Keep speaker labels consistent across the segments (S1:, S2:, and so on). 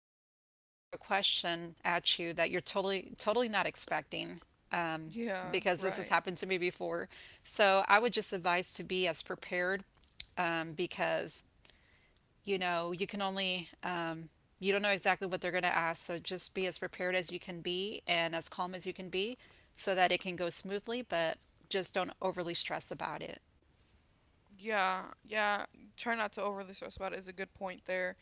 S1: be times when they throw a question at you that you're totally not expecting
S2: Yeah,
S1: because this has
S2: right.
S1: happened to me before. So I would just advise to be as prepared because you know you can only you don't know exactly what they're going to ask. So just be as prepared as you can be and as calm as you can be so that it can go smoothly, but just don't overly stress about it.
S2: Yeah. Yeah. Try not to overly stress about it is a good point there,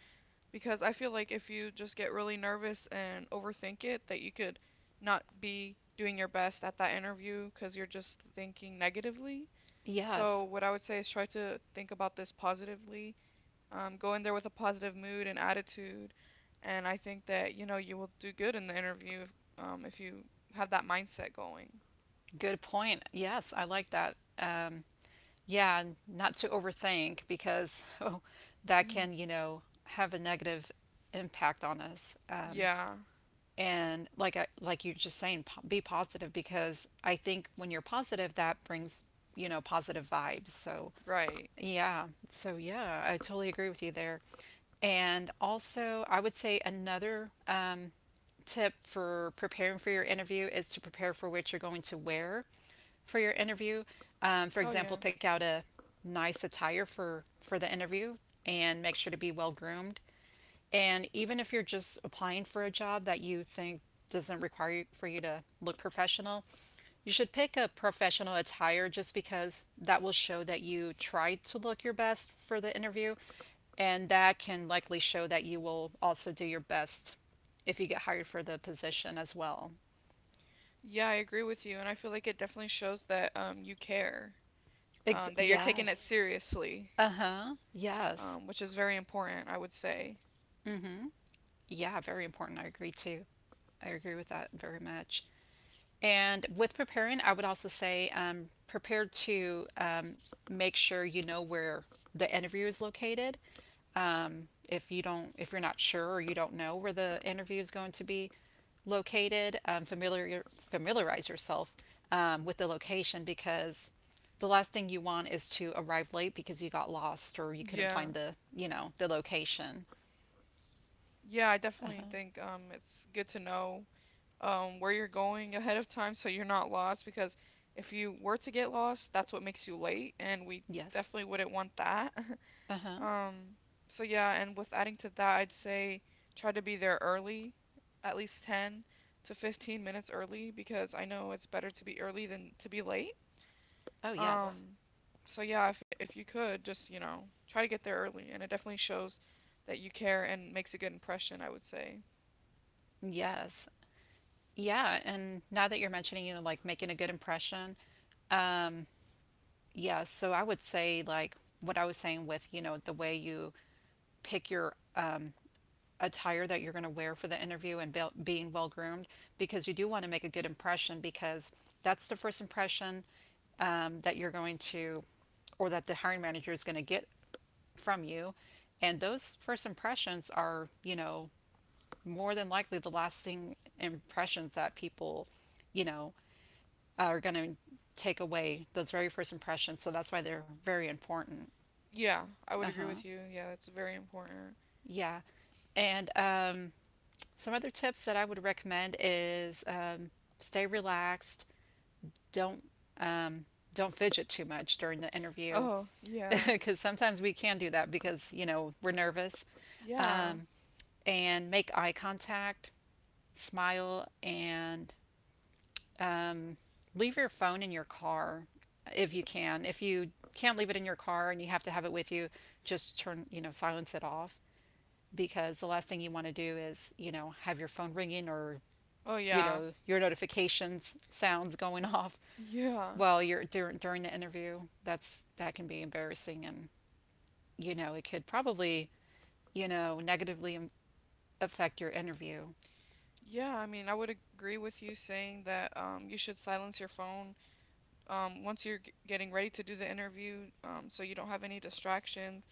S2: because I feel like if you just get really nervous and overthink it, that you could not be doing your best at that interview because you're just thinking negatively. So,
S1: Yes,
S2: what I would say is try to think about this positively. Go in there with a positive mood and attitude, and I think that you will do good in the interview if you have that mindset going.
S1: good point. Yes, I like that. Yeah, and not to overthink because oh, that
S2: Mhm.
S1: can, you know, have a negative impact on us.
S2: Yeah,
S1: And like you're just saying be positive because I think when you're positive that brings, you know, positive vibes, so
S2: right.
S1: yeah, so yeah, I totally agree with you there. And also I would say another tip for preparing for your interview is to prepare for what you're going to wear for your interview. For
S2: Oh, yeah.
S1: example, pick out a nice attire for the interview and make sure to be well groomed. And even if you're just applying for a job that you think doesn't require you, for you to look professional, you should pick a professional attire just because that will show that you tried to look your best for the interview. And that can likely show that you will also do your best if you get hired for the position as well.
S2: Yeah, I agree with you, and I feel like it definitely shows that you care, that you're taking it
S1: Yes.
S2: seriously,
S1: Uh huh. Yes.
S2: which is very important, I would say.
S1: Yeah, very important. I agree too. I agree with that very much. And with preparing, I would also say prepare to make sure you know where the interview is located. If you don't, if you're not sure or you don't know where the interview is going to be located, familiarize yourself with the location, because the last thing you want is to arrive late because you got lost or you couldn't
S2: Yeah,
S1: find the, you know, the location.
S2: yeah, I
S1: Uh
S2: definitely
S1: huh.
S2: think it's good to know where you're going ahead of time so you're not lost, because if you were to get lost, that's what makes you late, and we
S1: Yes.
S2: definitely wouldn't want that.
S1: Uh huh.
S2: Um, so yeah, and with adding to that, I'd say try to be there early, at least 10 to 15 minutes early, because I know it's better to be early than to be late.
S1: Oh yes.
S2: Um, so yeah, if you could just try to get there early, and it definitely shows that you care and makes a good impression, I would say.
S1: Yes. Yeah, and now that you're mentioning, you know, like making a good impression, yeah, so I would say like what I was saying with, you know, the way you pick your attire that you're going to wear for the interview and being well groomed, because you do want to make a good impression because that's the first impression that you're going to, or that the hiring manager is going to get from you. And those first impressions are, you know, more than likely the lasting impressions that people, you know, are going to take away those very first impressions. So that's why they're very important.
S2: Yeah, I would agree with you. Yeah, that's very important.
S1: Yeah. And some other tips that I would recommend is stay relaxed. Don't um, don't fidget too much during the interview
S2: Oh, yeah.
S1: because sometimes we can do that because you know we're nervous.
S2: Yeah.
S1: And make eye contact, smile, and leave your phone in your car if you can. If you can't leave it in your car and you have to have it with you, just turn, you know, silence it off because the last thing you want to do is, you know, have your phone ringing or,
S2: Oh,
S1: you
S2: yeah.
S1: know, your notifications sounds going off
S2: Yeah.
S1: while you're during the interview. That can be embarrassing and, you know, it could probably, you know, negatively affect your interview.
S2: Yeah, I mean, I would agree with you saying that you should silence your phone once you're getting ready to do the interview, so you don't have any distractions,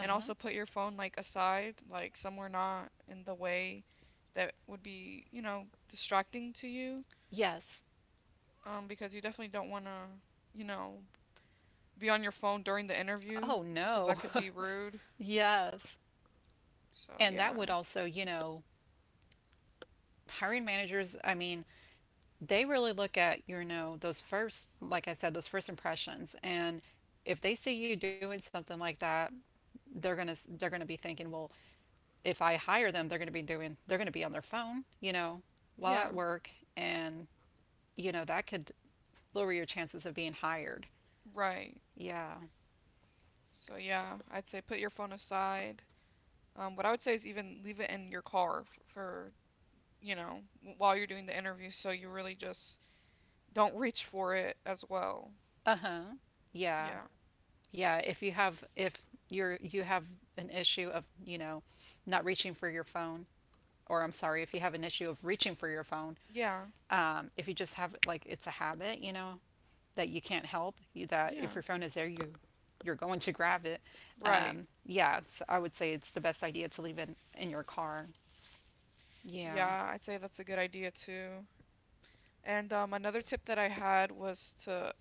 S2: and also put your phone like aside, like somewhere not in the way that would be distracting to you,
S1: Yes.
S2: because you definitely don't want to, you know, be on your phone during the interview,
S1: Oh
S2: because
S1: no.
S2: that could be rude.
S1: Yes.
S2: So
S1: And that
S2: yeah,
S1: would also, you know, hiring managers, I mean, they really look at, you know, those first, like I said, those first impressions. And if they see you doing something like that, they're going to be thinking, well, if I hire them, they're going to be on their phone, you know, while
S2: yeah,
S1: at work. And, you know, that could lower your chances of being hired.
S2: right.
S1: Yeah.
S2: So yeah, I'd say put your phone aside. What I would say is even leave it in your car for while you're doing the interview, so you really just don't reach for it as well.
S1: Uh-huh. Yeah.
S2: Yeah.
S1: Yeah, if you have, if you're you have an issue of, you know, not reaching for your phone, or I'm sorry, if you have an issue of reaching for your phone,
S2: Yeah.
S1: if you just have like it's a habit, you know, that you can't help, that if
S2: Yeah.
S1: your phone is there, you're going to grab it.
S2: Right.
S1: Yeah, it's, I would say it's the best idea to leave it in your car. Yeah.
S2: Yeah, I'd say that's a good idea too. And another tip that I had was to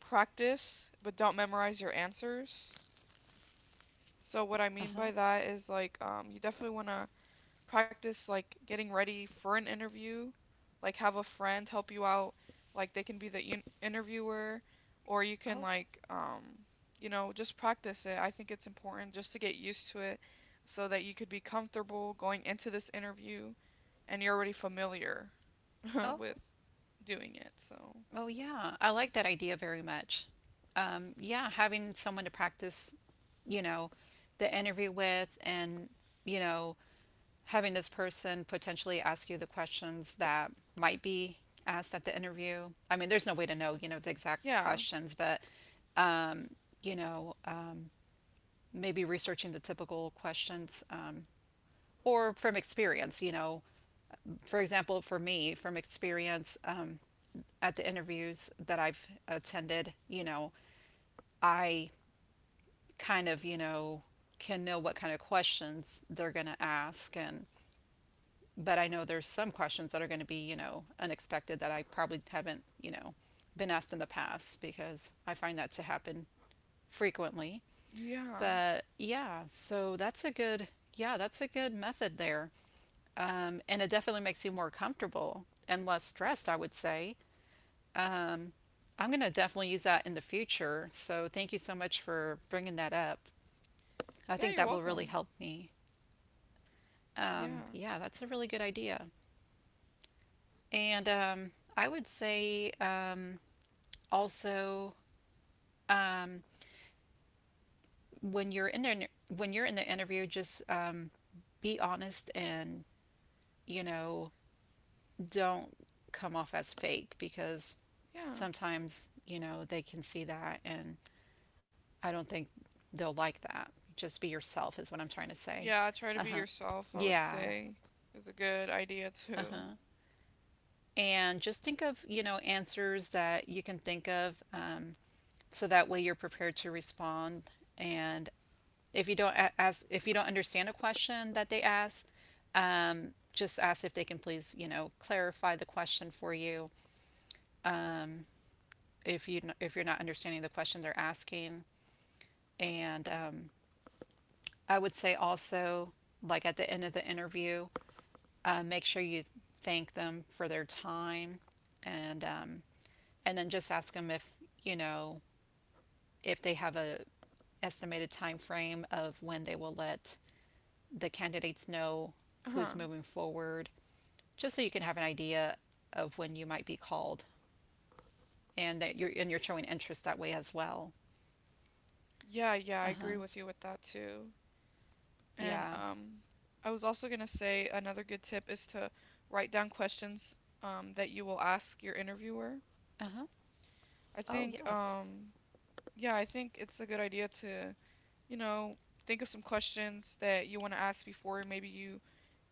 S2: practice, but don't memorize your answers. So what I
S1: Uh
S2: mean by
S1: huh.
S2: that is like you definitely want to practice like getting ready for an interview, like have a friend help you out, like they can be the interviewer, or you can
S1: Oh.
S2: like just practice it. I think it's important just to get used to it so that you could be comfortable going into this interview and you're already familiar
S1: Oh.
S2: with doing it. So,
S1: Oh, yeah. I like that idea very much. Yeah, having someone to practice, you know, the interview with and, you know, having this person potentially ask you the questions that might be asked at the interview. I mean, there's no way to know, you know, the exact
S2: yeah.
S1: questions, but, you know, maybe researching the typical questions or from experience, you know. For example, for me, from experience, at the interviews that I've attended, you know, I kind of, you know, can know what kind of questions they're going to ask, and but I know there's some questions that are going to be, you know, unexpected that I probably haven't, you know, been asked in the past because I find that to happen frequently.
S2: Yeah.
S1: But yeah, so that's a good, yeah, that's a good method there. And it definitely makes you more comfortable and less stressed, I would say. I'm going to definitely use that in the future. So thank you so much for bringing that up. I
S2: Yeah,
S1: think
S2: you're
S1: that will really
S2: welcome.
S1: help me. Um,
S2: Yeah.
S1: yeah, that's a really good idea. And I would say also when you're in there when you're in the interview, just be honest and, you know, don't come off as fake because
S2: Yeah.
S1: sometimes you know they can see that and I don't think they'll like that. Just be yourself is what I'm trying to say.
S2: Yeah, try to
S1: Uh
S2: be
S1: huh.
S2: yourself, I would
S1: Yeah.
S2: say, is a good idea
S1: Uh
S2: too.
S1: huh. And just think of, you know, answers that you can think of. So that way you're prepared to respond and if you don't ask if you don't understand a question that they ask, just ask if they can please, you know, clarify the question for you if you're not understanding the question they're asking. And um, i would say also, like, at the end of the interview, make sure you thank them for their time, and um, and then just ask them if, you know, if they have a estimated time frame of when they will let the candidates know
S2: Uh
S1: who's
S2: huh.
S1: moving forward, just so you can have an idea of when you might be called, and that you're showing interest that way as well.
S2: Yeah, yeah, I agree
S1: Uh-huh.
S2: with you with that too. And
S1: Yeah.
S2: I was also gonna say another good tip is to write down questions that you will ask your interviewer.
S1: Uh-huh.
S2: I
S1: Oh,
S2: think
S1: yes.
S2: um, yeah, I think it's a good idea to, you know, think of some questions that you want to ask before maybe you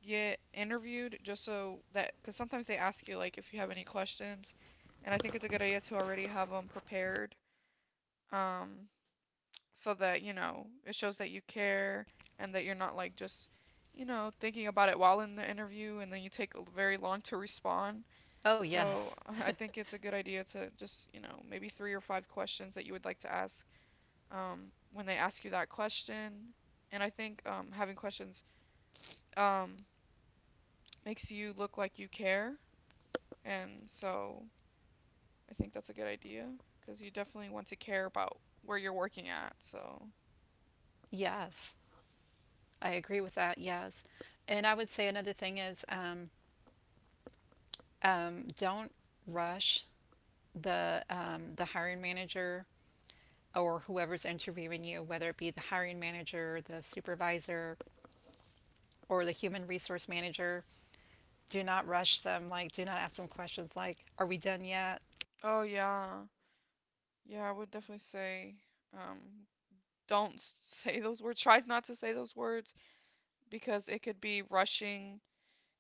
S2: get interviewed, just so that because sometimes they ask you like if you have any questions, and I think it's a good idea to already have them prepared. Um, so that it shows that you care and that you're not like just thinking about it while in the interview and then you take a very long to respond. Oh,
S1: Oh,
S2: yeah. So,
S1: yes.
S2: I think it's a good idea to just maybe three or five questions that you would like to ask when they ask you that question. And I think having questions um, makes you look like you care, and so I think that's a good idea because you definitely want to care about where you're working at, so.
S1: Yes, I agree with that. Yes. And I would say another thing is, don't rush the hiring manager or whoever's interviewing you, whether it be the hiring manager, the supervisor, or the human resource manager. Do not rush them. Like, do not ask them questions like, are we done yet?
S2: Oh, yeah. Yeah, I would definitely say um, don't say those words. Try not to say those words because it could be rushing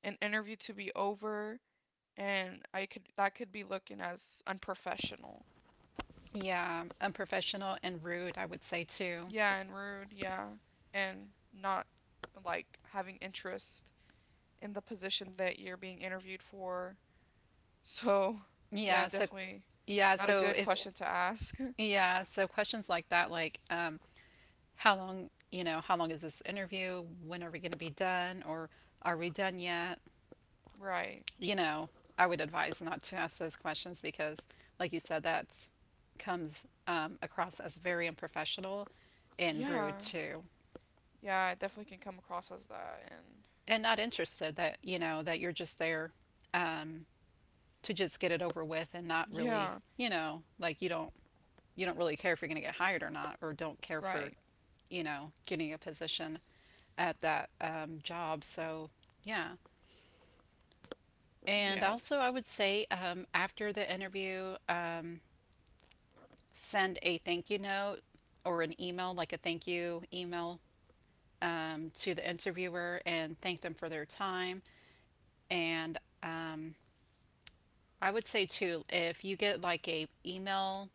S2: an interview to be over, and I could that could be looking as unprofessional.
S1: Yeah, unprofessional and rude, I would say too.
S2: Yeah, and rude. Yeah, and not like having interest in the position that you're being interviewed for. So, yeah,
S1: Yeah, so,
S2: definitely
S1: yeah,
S2: not a
S1: so
S2: good
S1: if,
S2: question to ask.
S1: yeah, so questions like that, like, how long, you know, how long is this interview? When are we going to be done? Or are we done yet?
S2: Right.
S1: You know, I would advise not to ask those questions because, like you said, that comes across as very unprofessional and rude
S2: Yeah.
S1: too.
S2: Yeah, it definitely can come across as that, and
S1: And not interested, that you know that you're just there um, to just get it over with and not really,
S2: yeah.
S1: you know, like you don't really care if you're going to get hired or not, or don't care for,
S2: Right.
S1: you know, getting a position at that job. So yeah, and
S2: Yes.
S1: also I would say, after the interview, send a thank you note or an email, like a thank you email, to the interviewer and thank them for their time. And I would say too, if you get like a email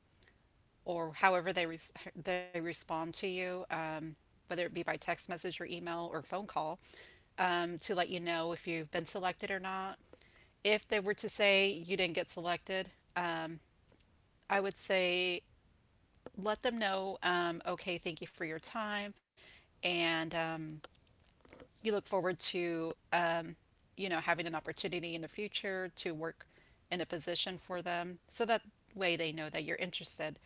S1: or however they respond to you, whether it be by text message or email or phone call, to let you know if you've been selected or not. If they were to say you didn't get selected, I I would say let them know, okay, thank you for your time, and you look forward to, you know, having an opportunity in the future to work in a position for them. So that way they know that you're interested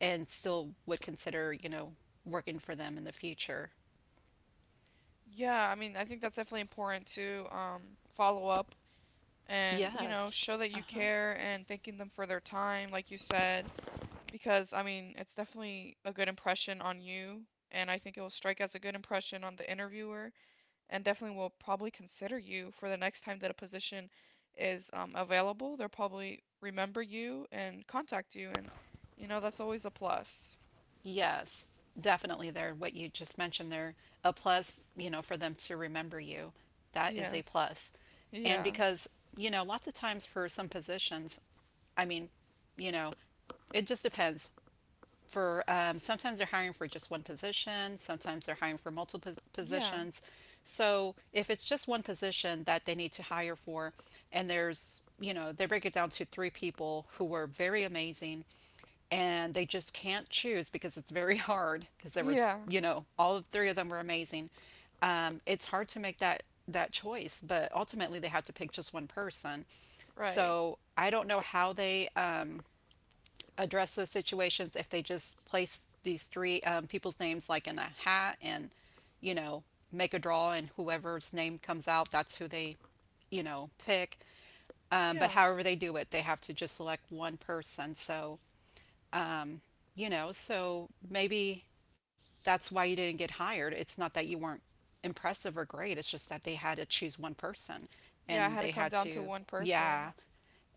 S1: and still would consider, you know, working for them in the future.
S2: Yeah, I mean, I think that's definitely important to follow up and
S1: Yes.
S2: show that you
S1: Uh-huh.
S2: care and thanking them for their time, like you said, because, I mean, it's definitely a good impression on you. And I think it will strike as a good impression on the interviewer and definitely will probably consider you for the next time that a position is available. They'll probably remember you and contact you. And that's always a plus.
S1: Yes. Definitely, there what you just mentioned there, a plus, you know, for them to remember you. That is a
S2: Yes.
S1: plus. And
S2: Yeah.
S1: because, you know, lots of times for some positions, I mean, you know, it just depends. For sometimes they're hiring for just one position, sometimes they're hiring for multiple
S2: Yeah.
S1: positions. So if it's just one position that they need to hire for, and there's, you know, they break it down to three people who were very amazing and they just can't choose because it's very hard because they were,
S2: Yeah.
S1: you know, all of three of them were amazing. It's hard to make that choice, but ultimately they have to pick just one person.
S2: Right.
S1: So I don't know how they, address those situations, if they just place these three people's names like in a hat and, you know, make a draw and whoever's name comes out, that's who they, you know, pick. But
S2: Yeah.
S1: however they do it, they have to just select one person. So, you know, so maybe that's why you didn't get hired. It's not that you weren't impressive or great, it's just that they had to choose one person
S2: Yeah, I
S1: and
S2: had to
S1: they
S2: come
S1: had
S2: down to
S1: to,
S2: one
S1: yeah,
S2: person.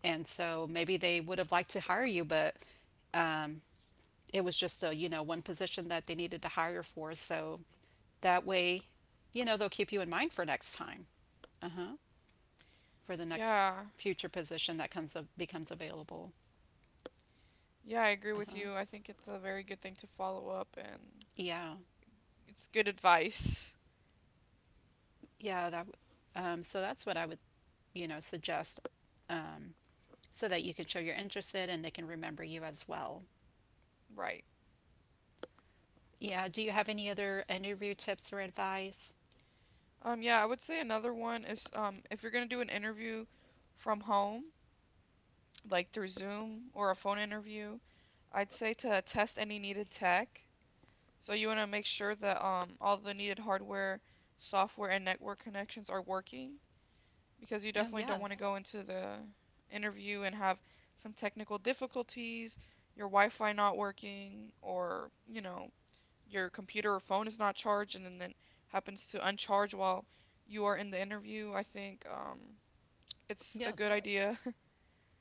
S1: and so maybe they would have liked to hire you, but it was just a, you know, one position that they needed to hire for. So that way, you know, they'll keep you in mind for next time, for the next
S2: Yeah.
S1: future position that comes up, becomes available.
S2: Yeah, I agree with
S1: Uh-huh.
S2: you. I think it's a very good thing to follow up, and
S1: Yeah.
S2: it's good advice.
S1: yeah that w- so that's what I would, you know, suggest, um, so that you can show you're interested and they can remember you as well.
S2: Right.
S1: Yeah, do you have any other interview tips or advice?
S2: Yeah, I would say another one is if you're gonna do an interview from home, like through Zoom or a phone interview, I'd say to test any needed tech. So you wanna make sure that all the needed hardware, software, and network connections are working, because you
S1: Oh
S2: definitely don't want to
S1: yes.
S2: go into the interview and have some technical difficulties, your Wi-Fi not working, or your computer or phone is not charged and then happens to uncharge while you are in the interview. I think it's a good
S1: Yes.
S2: idea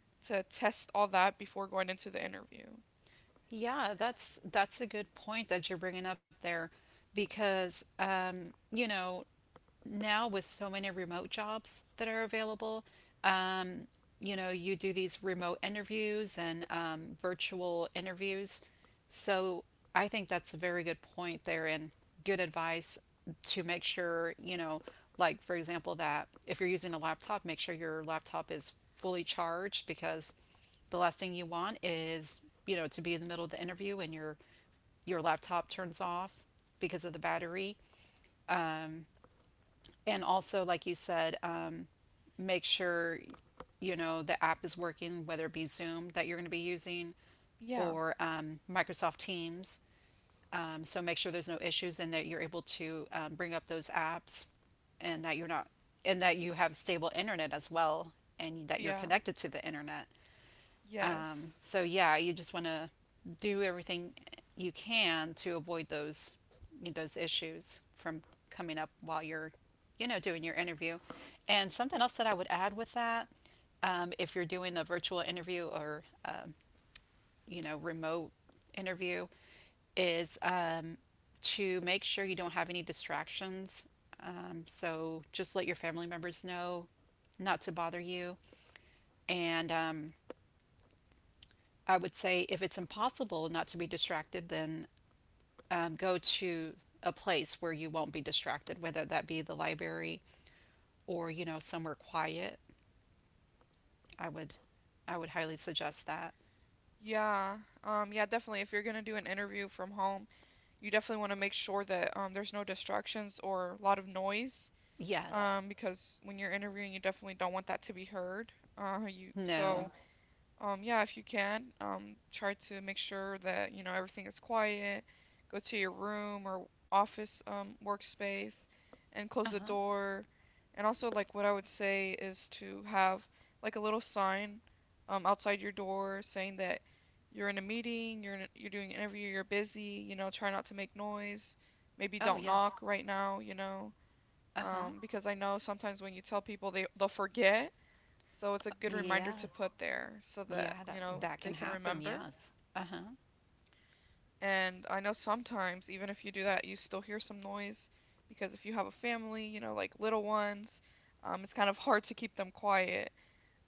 S2: to test all that before going into the interview.
S1: Yeah, that's a good point that you're bringing up there because, you know, now with so many remote jobs that are available, um, you know, you do these remote interviews and, virtual interviews. So I think that's a very good point there and good advice to make sure, you know, like for example, that if you're using a laptop, make sure your laptop is fully charged, because the last thing you want is, you know, to be in the middle of the interview and your laptop turns off because of the battery. And also, like you said, make sure, you know, the app is working, whether it be Zoom that you're going to be using
S2: Yeah.
S1: or, Microsoft Teams. So make sure there's no issues and that you're able to, bring up those apps, and that you're not and that you have stable internet as well,
S2: Oh
S1: and that
S2: yeah.
S1: you're connected to the internet.
S2: Yes.
S1: So yeah, you just want to do everything you can to avoid those, you know, those issues from coming up while you're, you know, doing your interview. And something else that I would add with that, if you're doing a virtual interview or, you know, remote interview, is, to make sure you don't have any distractions. So just let your family members know not to bother you, and I would say if it's impossible not to be distracted, then, go to a place where you won't be distracted, whether that be the library or, you know, somewhere quiet. I would, I would highly suggest that.
S2: Yeah. Yeah, definitely. If you're gonna do an interview from home, you definitely want to make sure that there's no distractions or a lot of noise. Yeah,
S1: Yes.
S2: because when you're interviewing, you definitely don't want that to be heard. You so
S1: No.
S2: No. Yeah, if you can, try to make sure that you know everything is quiet. Go to your room or office workspace, and
S1: Uh
S2: close the
S1: huh.
S2: door. And also, like what I would say is to have like a little sign outside your door saying that you're in a, meeting, you're doing an interview, you're busy. You know, try not to make noise. Maybe
S1: Oh
S2: don't
S1: yes.
S2: knock right now.
S1: Uh huh.
S2: Because I know sometimes when you tell people they'll forget. So it's a good reminder
S1: Yeah.
S2: to put there so that,
S1: Yeah,
S2: you
S1: that
S2: know,
S1: that
S2: they
S1: can
S2: can
S1: happen.
S2: remember.
S1: Yes. Uh huh.
S2: And I know sometimes even if you do that, you still hear some noise because if you have a family, like little ones, it's kind of hard to keep them quiet.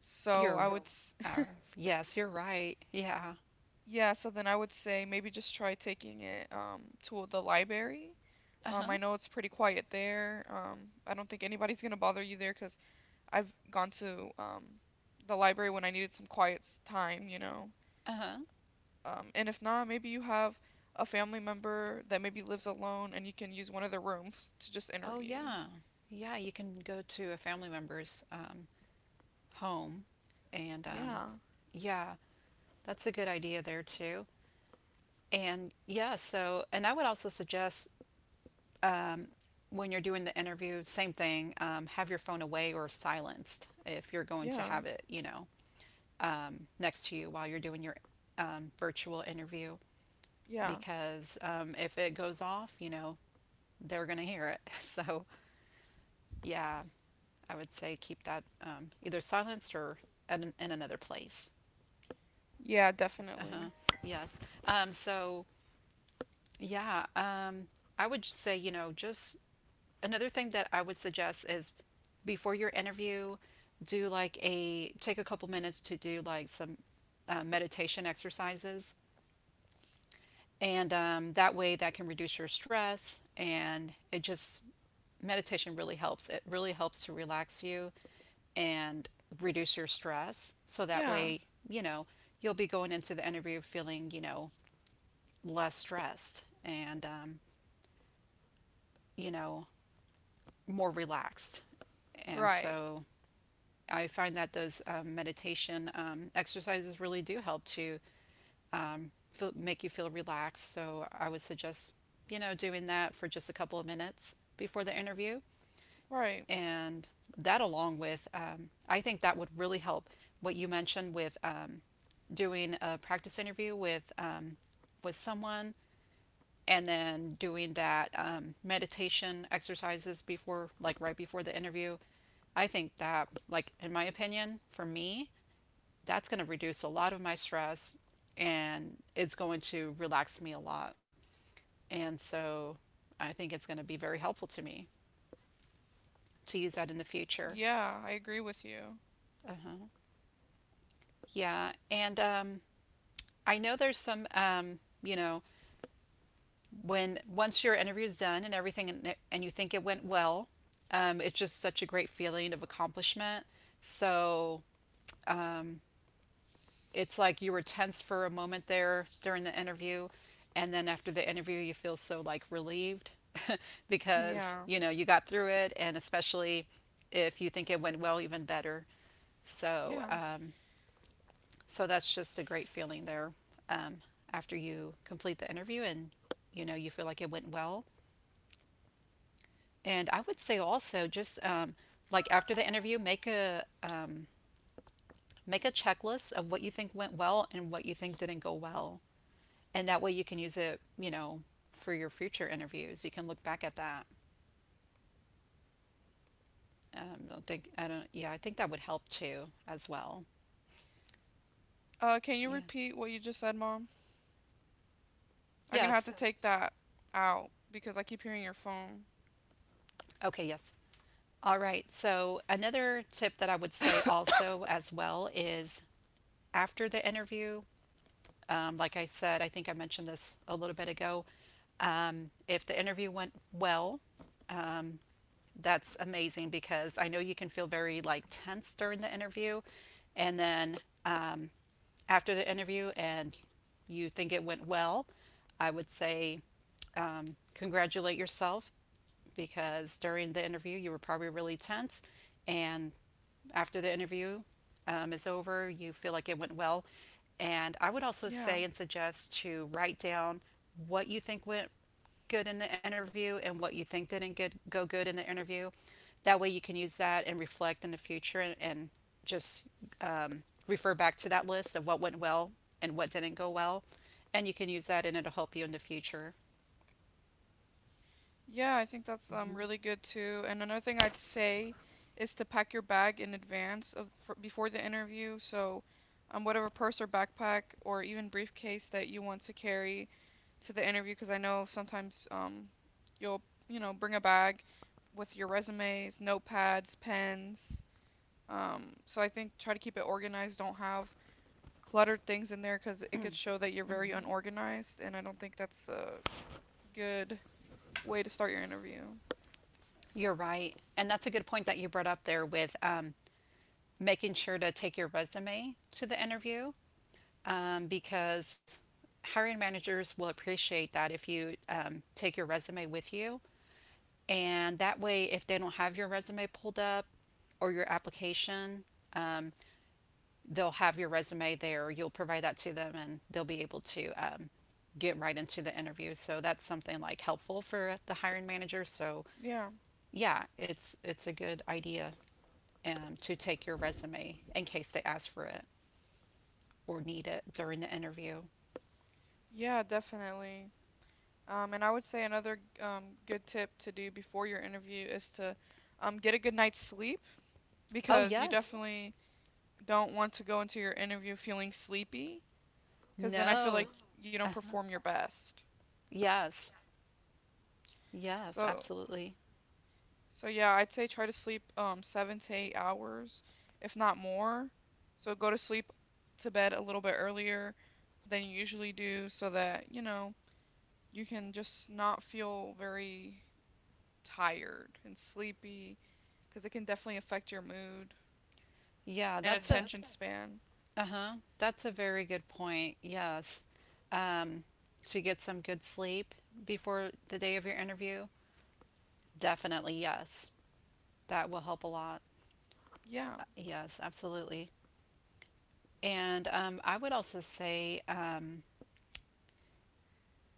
S2: So
S1: You're.
S2: s-
S1: Uh, yes, you're right. Yeah.
S2: yeah, so then I would say maybe just try taking it to the library.
S1: Uh huh.
S2: I know it's pretty quiet there. I don't think anybody's gonna bother you there, because I've gone to the library when I needed some quiet time.
S1: Uh huh.
S2: And if not, maybe you have a family member that maybe lives alone and you can use one of their rooms to just
S1: Oh
S2: interview.
S1: yeah. Yeah, you can go to a family member's, home. And
S2: Yeah,
S1: yeah, that's a good idea there too. And yeah, so, and I would also suggest when you're doing the interview, same thing, have your phone away or silenced if you're going to
S2: yeah,
S1: have it, you know, next to you while you're doing your, virtual interview.
S2: yeah,
S1: Because, if it goes off, you know, they're going to hear it. So yeah, I would say keep that, either silenced or at an, in another place.
S2: yeah,
S1: Uh
S2: definitely.
S1: huh. Yes. So yeah, I would just say, you know, just another thing that I would suggest is before your interview, do like a take a couple minutes to do like some, meditation exercises. And that way, that can reduce your stress. And it just, meditation really helps. It really helps to relax you and reduce your stress. So that
S2: Yeah,
S1: way, you know, you'll be going into the interview feeling, you know, less stressed. And, you know, more relaxed. And
S2: right,
S1: so I find that those, meditation, exercises really do help to feel, make you feel relaxed. So I would suggest, you know, doing that for just a couple of minutes before the interview.
S2: right.
S1: And that, along with, I think that would really help what you mentioned with, doing a practice interview with, with someone and then doing that, meditation exercises before, like right before the interview. I think that, like, in my opinion, for me, that's going to reduce a lot of my stress and it's going to relax me a lot. And so I think it's going to be very helpful to me to use that in the future.
S2: Yeah, I agree with you.
S1: Yeah. And I know there's some, you know, when once your interview is done and everything and you think it went well, it's just such a great feeling of accomplishment. So it's like you were tense for a moment there during the interview, and then after the interview you feel so like relieved because
S2: Yeah,
S1: you know you got through it, and especially if you think it went well, even better. So,
S2: yeah.
S1: so that's just a great feeling there, um, after you complete the interview and you know you feel like it went well. And I would say also just, like after the interview, make a, make a checklist of what you think went well and what you think didn't go well, and that way you can use it, you know, for your future interviews. You can look back at that. I don't think I don't. Yeah, I think that would help too as well.
S2: Can you
S1: Yeah.
S2: repeat what you just said, Mom? I'm gonna have
S1: Yes.
S2: to take that out because I keep hearing your phone.
S1: Okay. Yes. All right. So another tip that I would say also as well is after the interview, um, like I said, I think I mentioned this a little bit ago. If the interview went well, that's amazing because I know you can feel very like tense during the interview, and then um, after the interview, and you think it went well, I would say congratulate yourself because during the interview you were probably really tense and after the interview is over you feel like it went well and I would also
S2: Yeah.
S1: say and suggest to write down what you think went good in the interview and what you think didn't get go good in the interview. That way you can use that and reflect in the future and just refer back to that list of what went well and what didn't go well, and you can use that and it'll help you in the future.
S2: Yeah, I think that's really good too. And another thing I'd say is to pack your bag in advance of for, before the interview. So, whatever purse or backpack or even briefcase that you want to carry to the interview, because I know sometimes you'll bring a bag with your resumes, notepads, pens. So I think try to keep it organized. Don't have cluttered things in there because it could show that you're very unorganized, and I don't think that's a good way to start your interview.
S1: You're right. And that's a good point that you brought up there with making sure to take your resume to the interview because hiring managers will appreciate that if you take your resume with you. And that way, if they don't have your resume pulled up or your application, they'll have your resume there. You'll provide that to them and they'll be able to get right into the interview. So that's something like helpful for the hiring manager. So
S2: Yeah.
S1: yeah, it's a good idea to take your resume in case they ask for it or need it during the interview.
S2: Yeah, definitely. And I would say another good tip to do before your interview is to get a good night's sleep,
S1: Oh
S2: because you
S1: yes,
S2: definitely don't want to go into your interview feeling sleepy because then I feel like
S1: no,
S2: you don't
S1: uh-huh.
S2: perform your best.
S1: Yes, yes,
S2: So,
S1: absolutely.
S2: so yeah, I'd say try to sleep 7 to 8 hours, if not more. So go to sleep to bed a little bit earlier than you usually do so that you can just not feel very tired and sleepy, because it can definitely affect your mood
S1: Yeah,
S2: and
S1: that's a
S2: attention span.
S1: uh huh. That's a very good point. Yes, um, to get some good sleep before the day of your interview. Definitely yes, that will help a lot.
S2: Yeah,
S1: Yes, absolutely. And I would also say.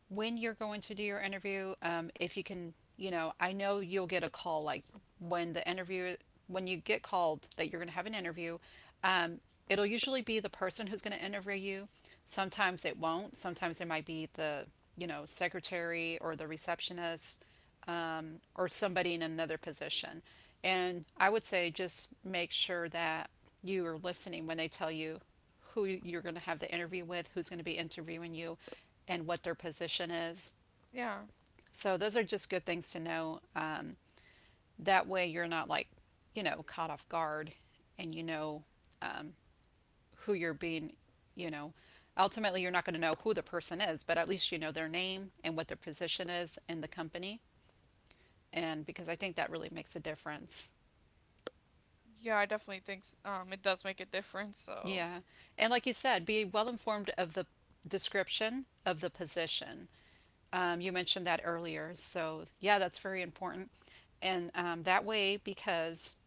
S1: When you're going to do your interview, if you can, you know, I know you'll get a call like when the interview, when you get called that you're going to have an interview, um, it'll usually be the person who's going to interview you. Sometimes it won't. Sometimes it might be the, you know, secretary or the receptionist or somebody in another position. And I would say just make sure that you are listening when they tell you who you're going to have the interview with, who's going to be interviewing you, and what their position is.
S2: yeah,
S1: So those are just good things to know. That way you're not like, you know, caught off guard and you know who you're being, you know. Ultimately, you're not going to know who the person is, but at least you know their name and what their position is in the company. And because I think that really makes a difference.
S2: yeah. I definitely think it does make a difference. So
S1: Yeah. And like you said, be well informed of the description of the position. You mentioned that earlier. So, yeah, that's very important. And that way, because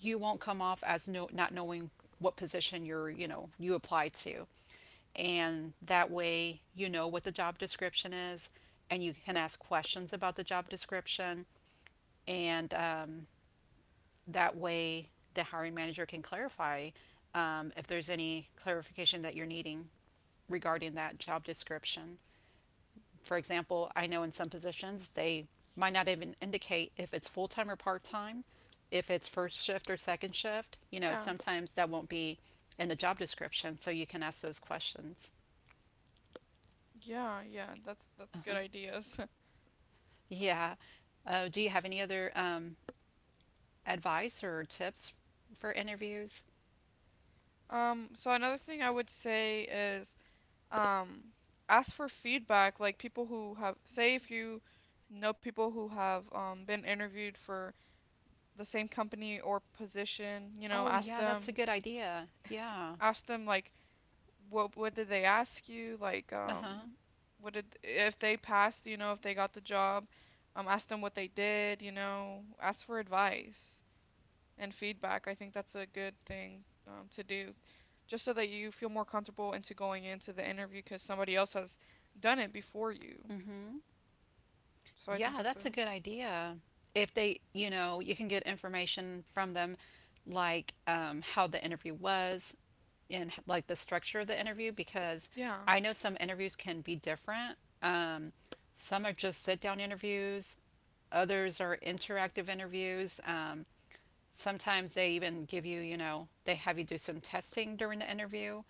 S1: you won't come off as no, not knowing what position you're, you know, you apply to. And that way, you know what the job description is and you can ask questions about the job description. And that way, the hiring manager can clarify if there's any clarification that you're needing regarding that job description. For example, I know in some positions they might not even indicate if it's full time or part time, if it's first shift or second shift. You know,
S2: yeah,
S1: sometimes that won't be in the job description, so you can ask those questions.
S2: yeah, yeah. That's
S1: Uh-huh.
S2: good ideas.
S1: Yeah. Do you have any other advice or tips for interviews?
S2: So another thing I would say is um ask for feedback. Like people who have say if you know people who have been interviewed for the same company or position, you know,
S1: Oh, yeah, that's a good idea. Yeah.
S2: ask them like what did they ask you? Like,
S1: Uh
S2: what did if they passed, you know, if they got the job, ask them what they did, you know, ask for advice and feedback. I think that's a good thing to do, just so that you feel more comfortable into going into the interview because somebody else has done it before you.
S1: huh.
S2: So I think
S1: Yeah,
S2: that's
S1: that's
S2: a
S1: a good idea. If they, you know, you can get information from them, like how the interview was and like the structure of the interview, because
S2: yeah,
S1: I know some interviews can be different. Some are just sit down interviews, others are interactive interviews. Sometimes they even give you, you know, they have you do some testing during the interview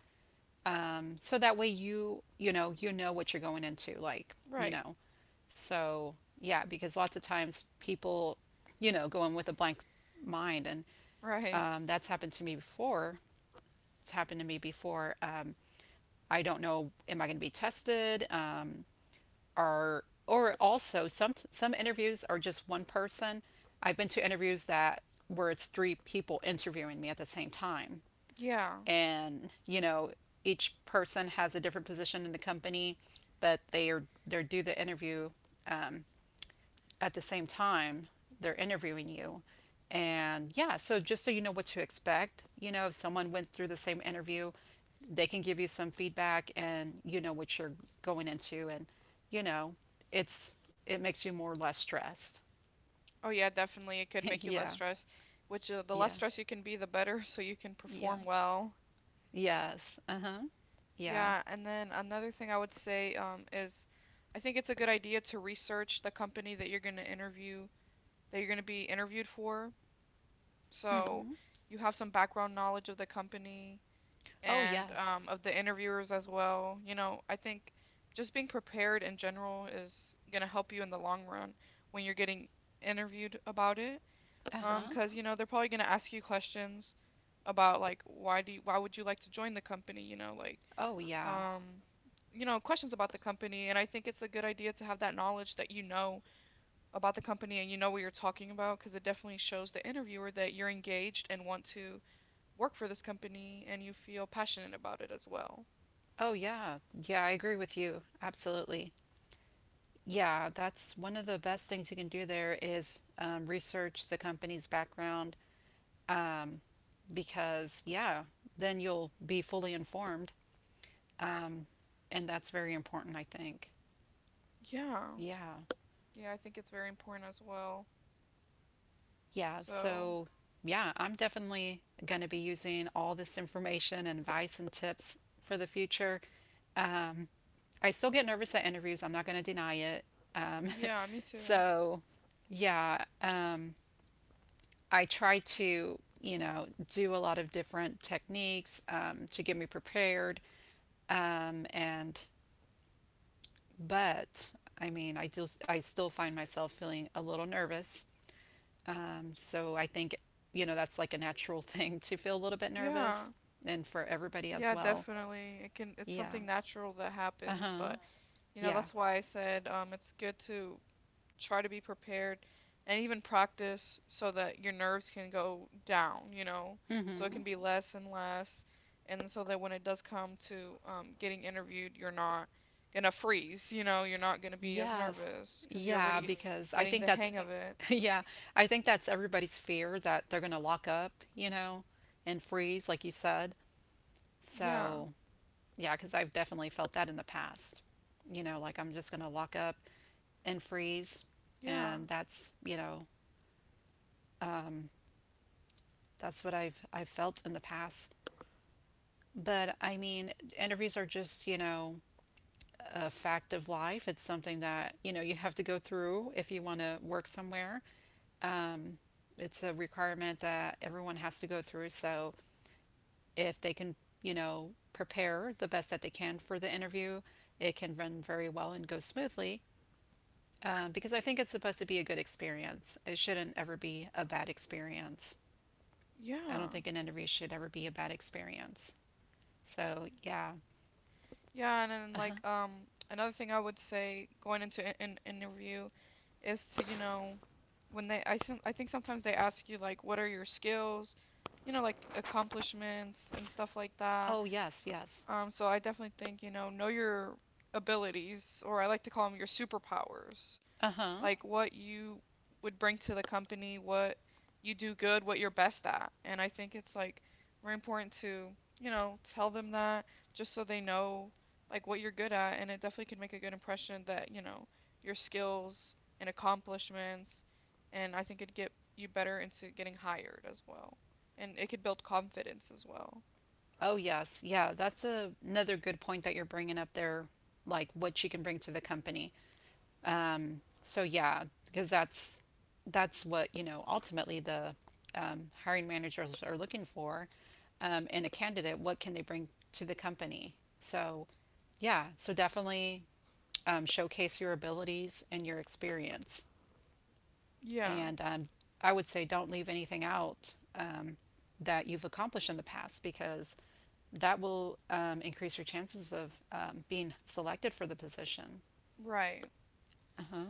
S1: so that way you you know what you're going into, like
S2: right,
S1: you know. So yeah, because lots of times people, you know, go in with a blank mind and
S2: right,
S1: that's happened to me before. it's happened to me before um, I don't know, am I going to be tested or also some interviews are just one person. I've been to interviews that where it's three people interviewing me at the same time.
S2: yeah.
S1: And you know, each person has a different position in the company, but they are they do the interview um, at the same time. They're interviewing you. And yeah, so just so you know what to expect, you know, if someone went through the same interview, they can give you some feedback and you know what you're going into and you know it's it makes you more or less stressed.
S2: Oh yeah, definitely. It could make you less
S1: Yeah,
S2: stressed, which the less
S1: yeah,
S2: stressed you can be, the better, so you can
S1: yeah,
S2: perform well.
S1: yes, uh-huh.
S2: Yeah,
S1: Yes.
S2: and then another thing I would say is I think it's a good idea to research the company that you're going to interview, that you're going to be interviewed for. So
S1: Mm-hmm.
S2: you have some background knowledge of the company
S1: Oh
S2: and
S1: yes.
S2: of the interviewers as well. You know, I think just being prepared in general is going to help you in the long run when you're getting interviewed about it.
S1: Uh-huh.
S2: Because you know they're probably gonna ask you questions about like why would you like to join the company, you know, like
S1: Oh, yeah.
S2: um, you know, questions about the company, and I think it's a good idea to have that knowledge that you know about the company and you know what you're talking about because it definitely shows the interviewer that you're engaged and want to work for this company and you feel passionate about it as well.
S1: Oh, yeah. Yeah, I agree with you. Absolutely. Yeah, that's one of the best things you can do there is research the company's background because, yeah, then you'll be fully informed. And that's very important, I think.
S2: Yeah.
S1: Yeah.
S2: Yeah, I think it's very important as well.
S1: Yeah,
S2: So,
S1: so yeah, I'm definitely going to be using all this information and advice and tips for the future. Um, I still get nervous at interviews, I'm not going to deny it. Um,
S2: yeah, me too.
S1: so yeah, I try to, you know, do a lot of different techniques to get me prepared. Um, and, but I mean, I still find myself feeling a little nervous. So I think, you know, that's like a natural thing to feel a little bit
S2: Yeah.
S1: nervous and for everybody as
S2: Yeah,
S1: well.
S2: definitely. It's
S1: Yeah.
S2: something natural that
S1: Uh
S2: happens,
S1: huh.
S2: but you know,
S1: Yeah.
S2: that's why I said it's good to try to be prepared and even practice so that your nerves can go down, you know, so it can be Mhm. less and less and so that when it does come to getting interviewed, you're not gonna freeze, you know, you're not gonna be as
S1: Yes.
S2: nervous because 'cause you're Yeah,
S1: Yeah.
S2: already
S1: Because I
S2: getting
S1: think
S2: the
S1: that's,
S2: hang of it.
S1: yeah, I think that's everybody's fear that they're going to lock up, you know, and freeze, like you said.
S2: Yeah.
S1: So, yeah, because I've definitely felt that in the past. You know, like I'm just going to lock up and freeze.
S2: Yeah.
S1: And that's, you know, that's what I've felt in the past. But I mean, interviews are just, you know, a fact of life. It's something that, you know, you have to go through if you want to work somewhere. It's a requirement that everyone has to go through. So if they can, you know, prepare the best that they can for the interview, it can run very well and go smoothly. Because I think it's supposed to be a good experience. It shouldn't ever be a bad experience. I
S2: Yeah.
S1: don't think an interview should ever be a bad experience. So, yeah.
S2: Yeah, and then like another thing I would say going into an interview is to, you know, when they I think sometimes they ask you like what are your skills, you know, like accomplishments and stuff like that.
S1: Oh, yes, yes.
S2: So I definitely think, you know your abilities or I like to call them your superpowers
S1: Uh huh.
S2: like what you would bring to the company, what you do good, what you're best at. And I think it's like very important to, you know, tell them that just so they know like what you're good at. And it definitely can make a good impression that, you know, your skills and accomplishments. And I think it'd get you better into getting hired as well. And it could build confidence as well.
S1: Oh, yes. Yeah, that's a, another good point that you're bringing up there, like what she can bring to the company. So yeah, because that's what, you know, ultimately the hiring managers are looking for in a candidate. What can they bring to the company? So yeah, so definitely showcase your abilities and your experience.
S2: Yeah,
S1: And I would say don't leave anything out that you've accomplished in the past because that will increase your chances of being selected for the position.
S2: right.
S1: Uh-huh.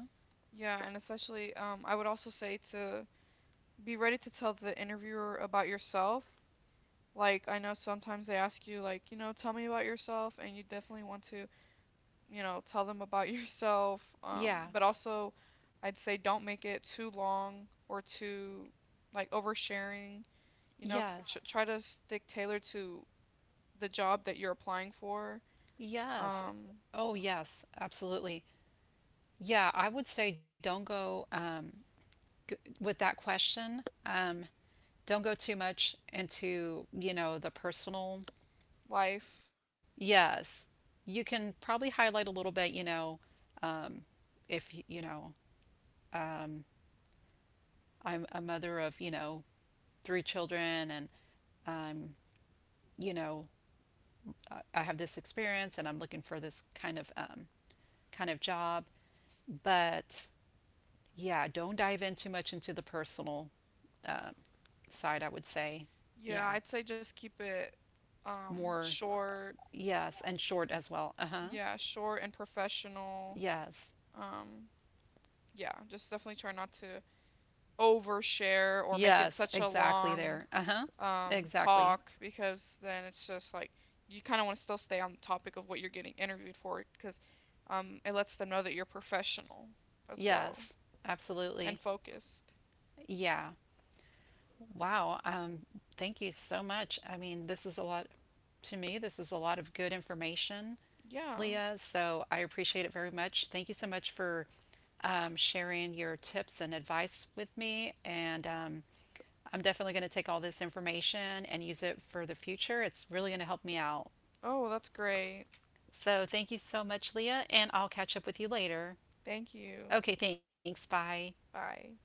S2: Yeah, and especially, I would also say to be ready to tell the interviewer about yourself. Like, I know sometimes they ask you, like, you know, tell me about yourself, and you definitely want to, you know, tell them about yourself.
S1: Yeah.
S2: But also, I'd say don't make it too long or too, like, oversharing. You know,
S1: Yes.
S2: try to stick tailored to the job that you're applying for,
S1: Yes.
S2: um,
S1: Oh, yes. Absolutely. Yeah. I would say don't go g- with that question. Don't go too much into, you know, the personal.
S2: life.
S1: Yes. You can probably highlight a little bit, you know, if, y- you know, I'm a mother of, you know, three children and, you know, I have this experience and I'm looking for this kind of job. But yeah, don't dive in too much into the personal side, I would say.
S2: Yeah,
S1: Yeah.
S2: I'd say just keep it,
S1: More
S2: short.
S1: yes, and short as well. Uh-huh.
S2: Yeah, short and professional.
S1: Yes.
S2: Um, yeah, just definitely try not to overshare or make it
S1: Yes,
S2: such a
S1: exactly
S2: long
S1: there. Uh-huh. Exactly.
S2: talk because then it's just like you kind of want to still stay on the topic of what you're getting interviewed for because it lets them know that you're professional as well
S1: Yes.
S2: and
S1: Absolutely.
S2: focused.
S1: Yeah. Wow. Thank you so much. I mean, this is a lot to me. This is a lot of good information,
S2: Yeah.
S1: Leah. So I appreciate it very much. Thank you so much for sharing your tips and advice with me. And I'm definitely going to take all this information and use it for the future. It's really going to help me out.
S2: Oh, that's great.
S1: So thank you so much, Leah. And I'll catch up with you later.
S2: Thank you.
S1: Okay, thanks. Bye.
S2: Bye.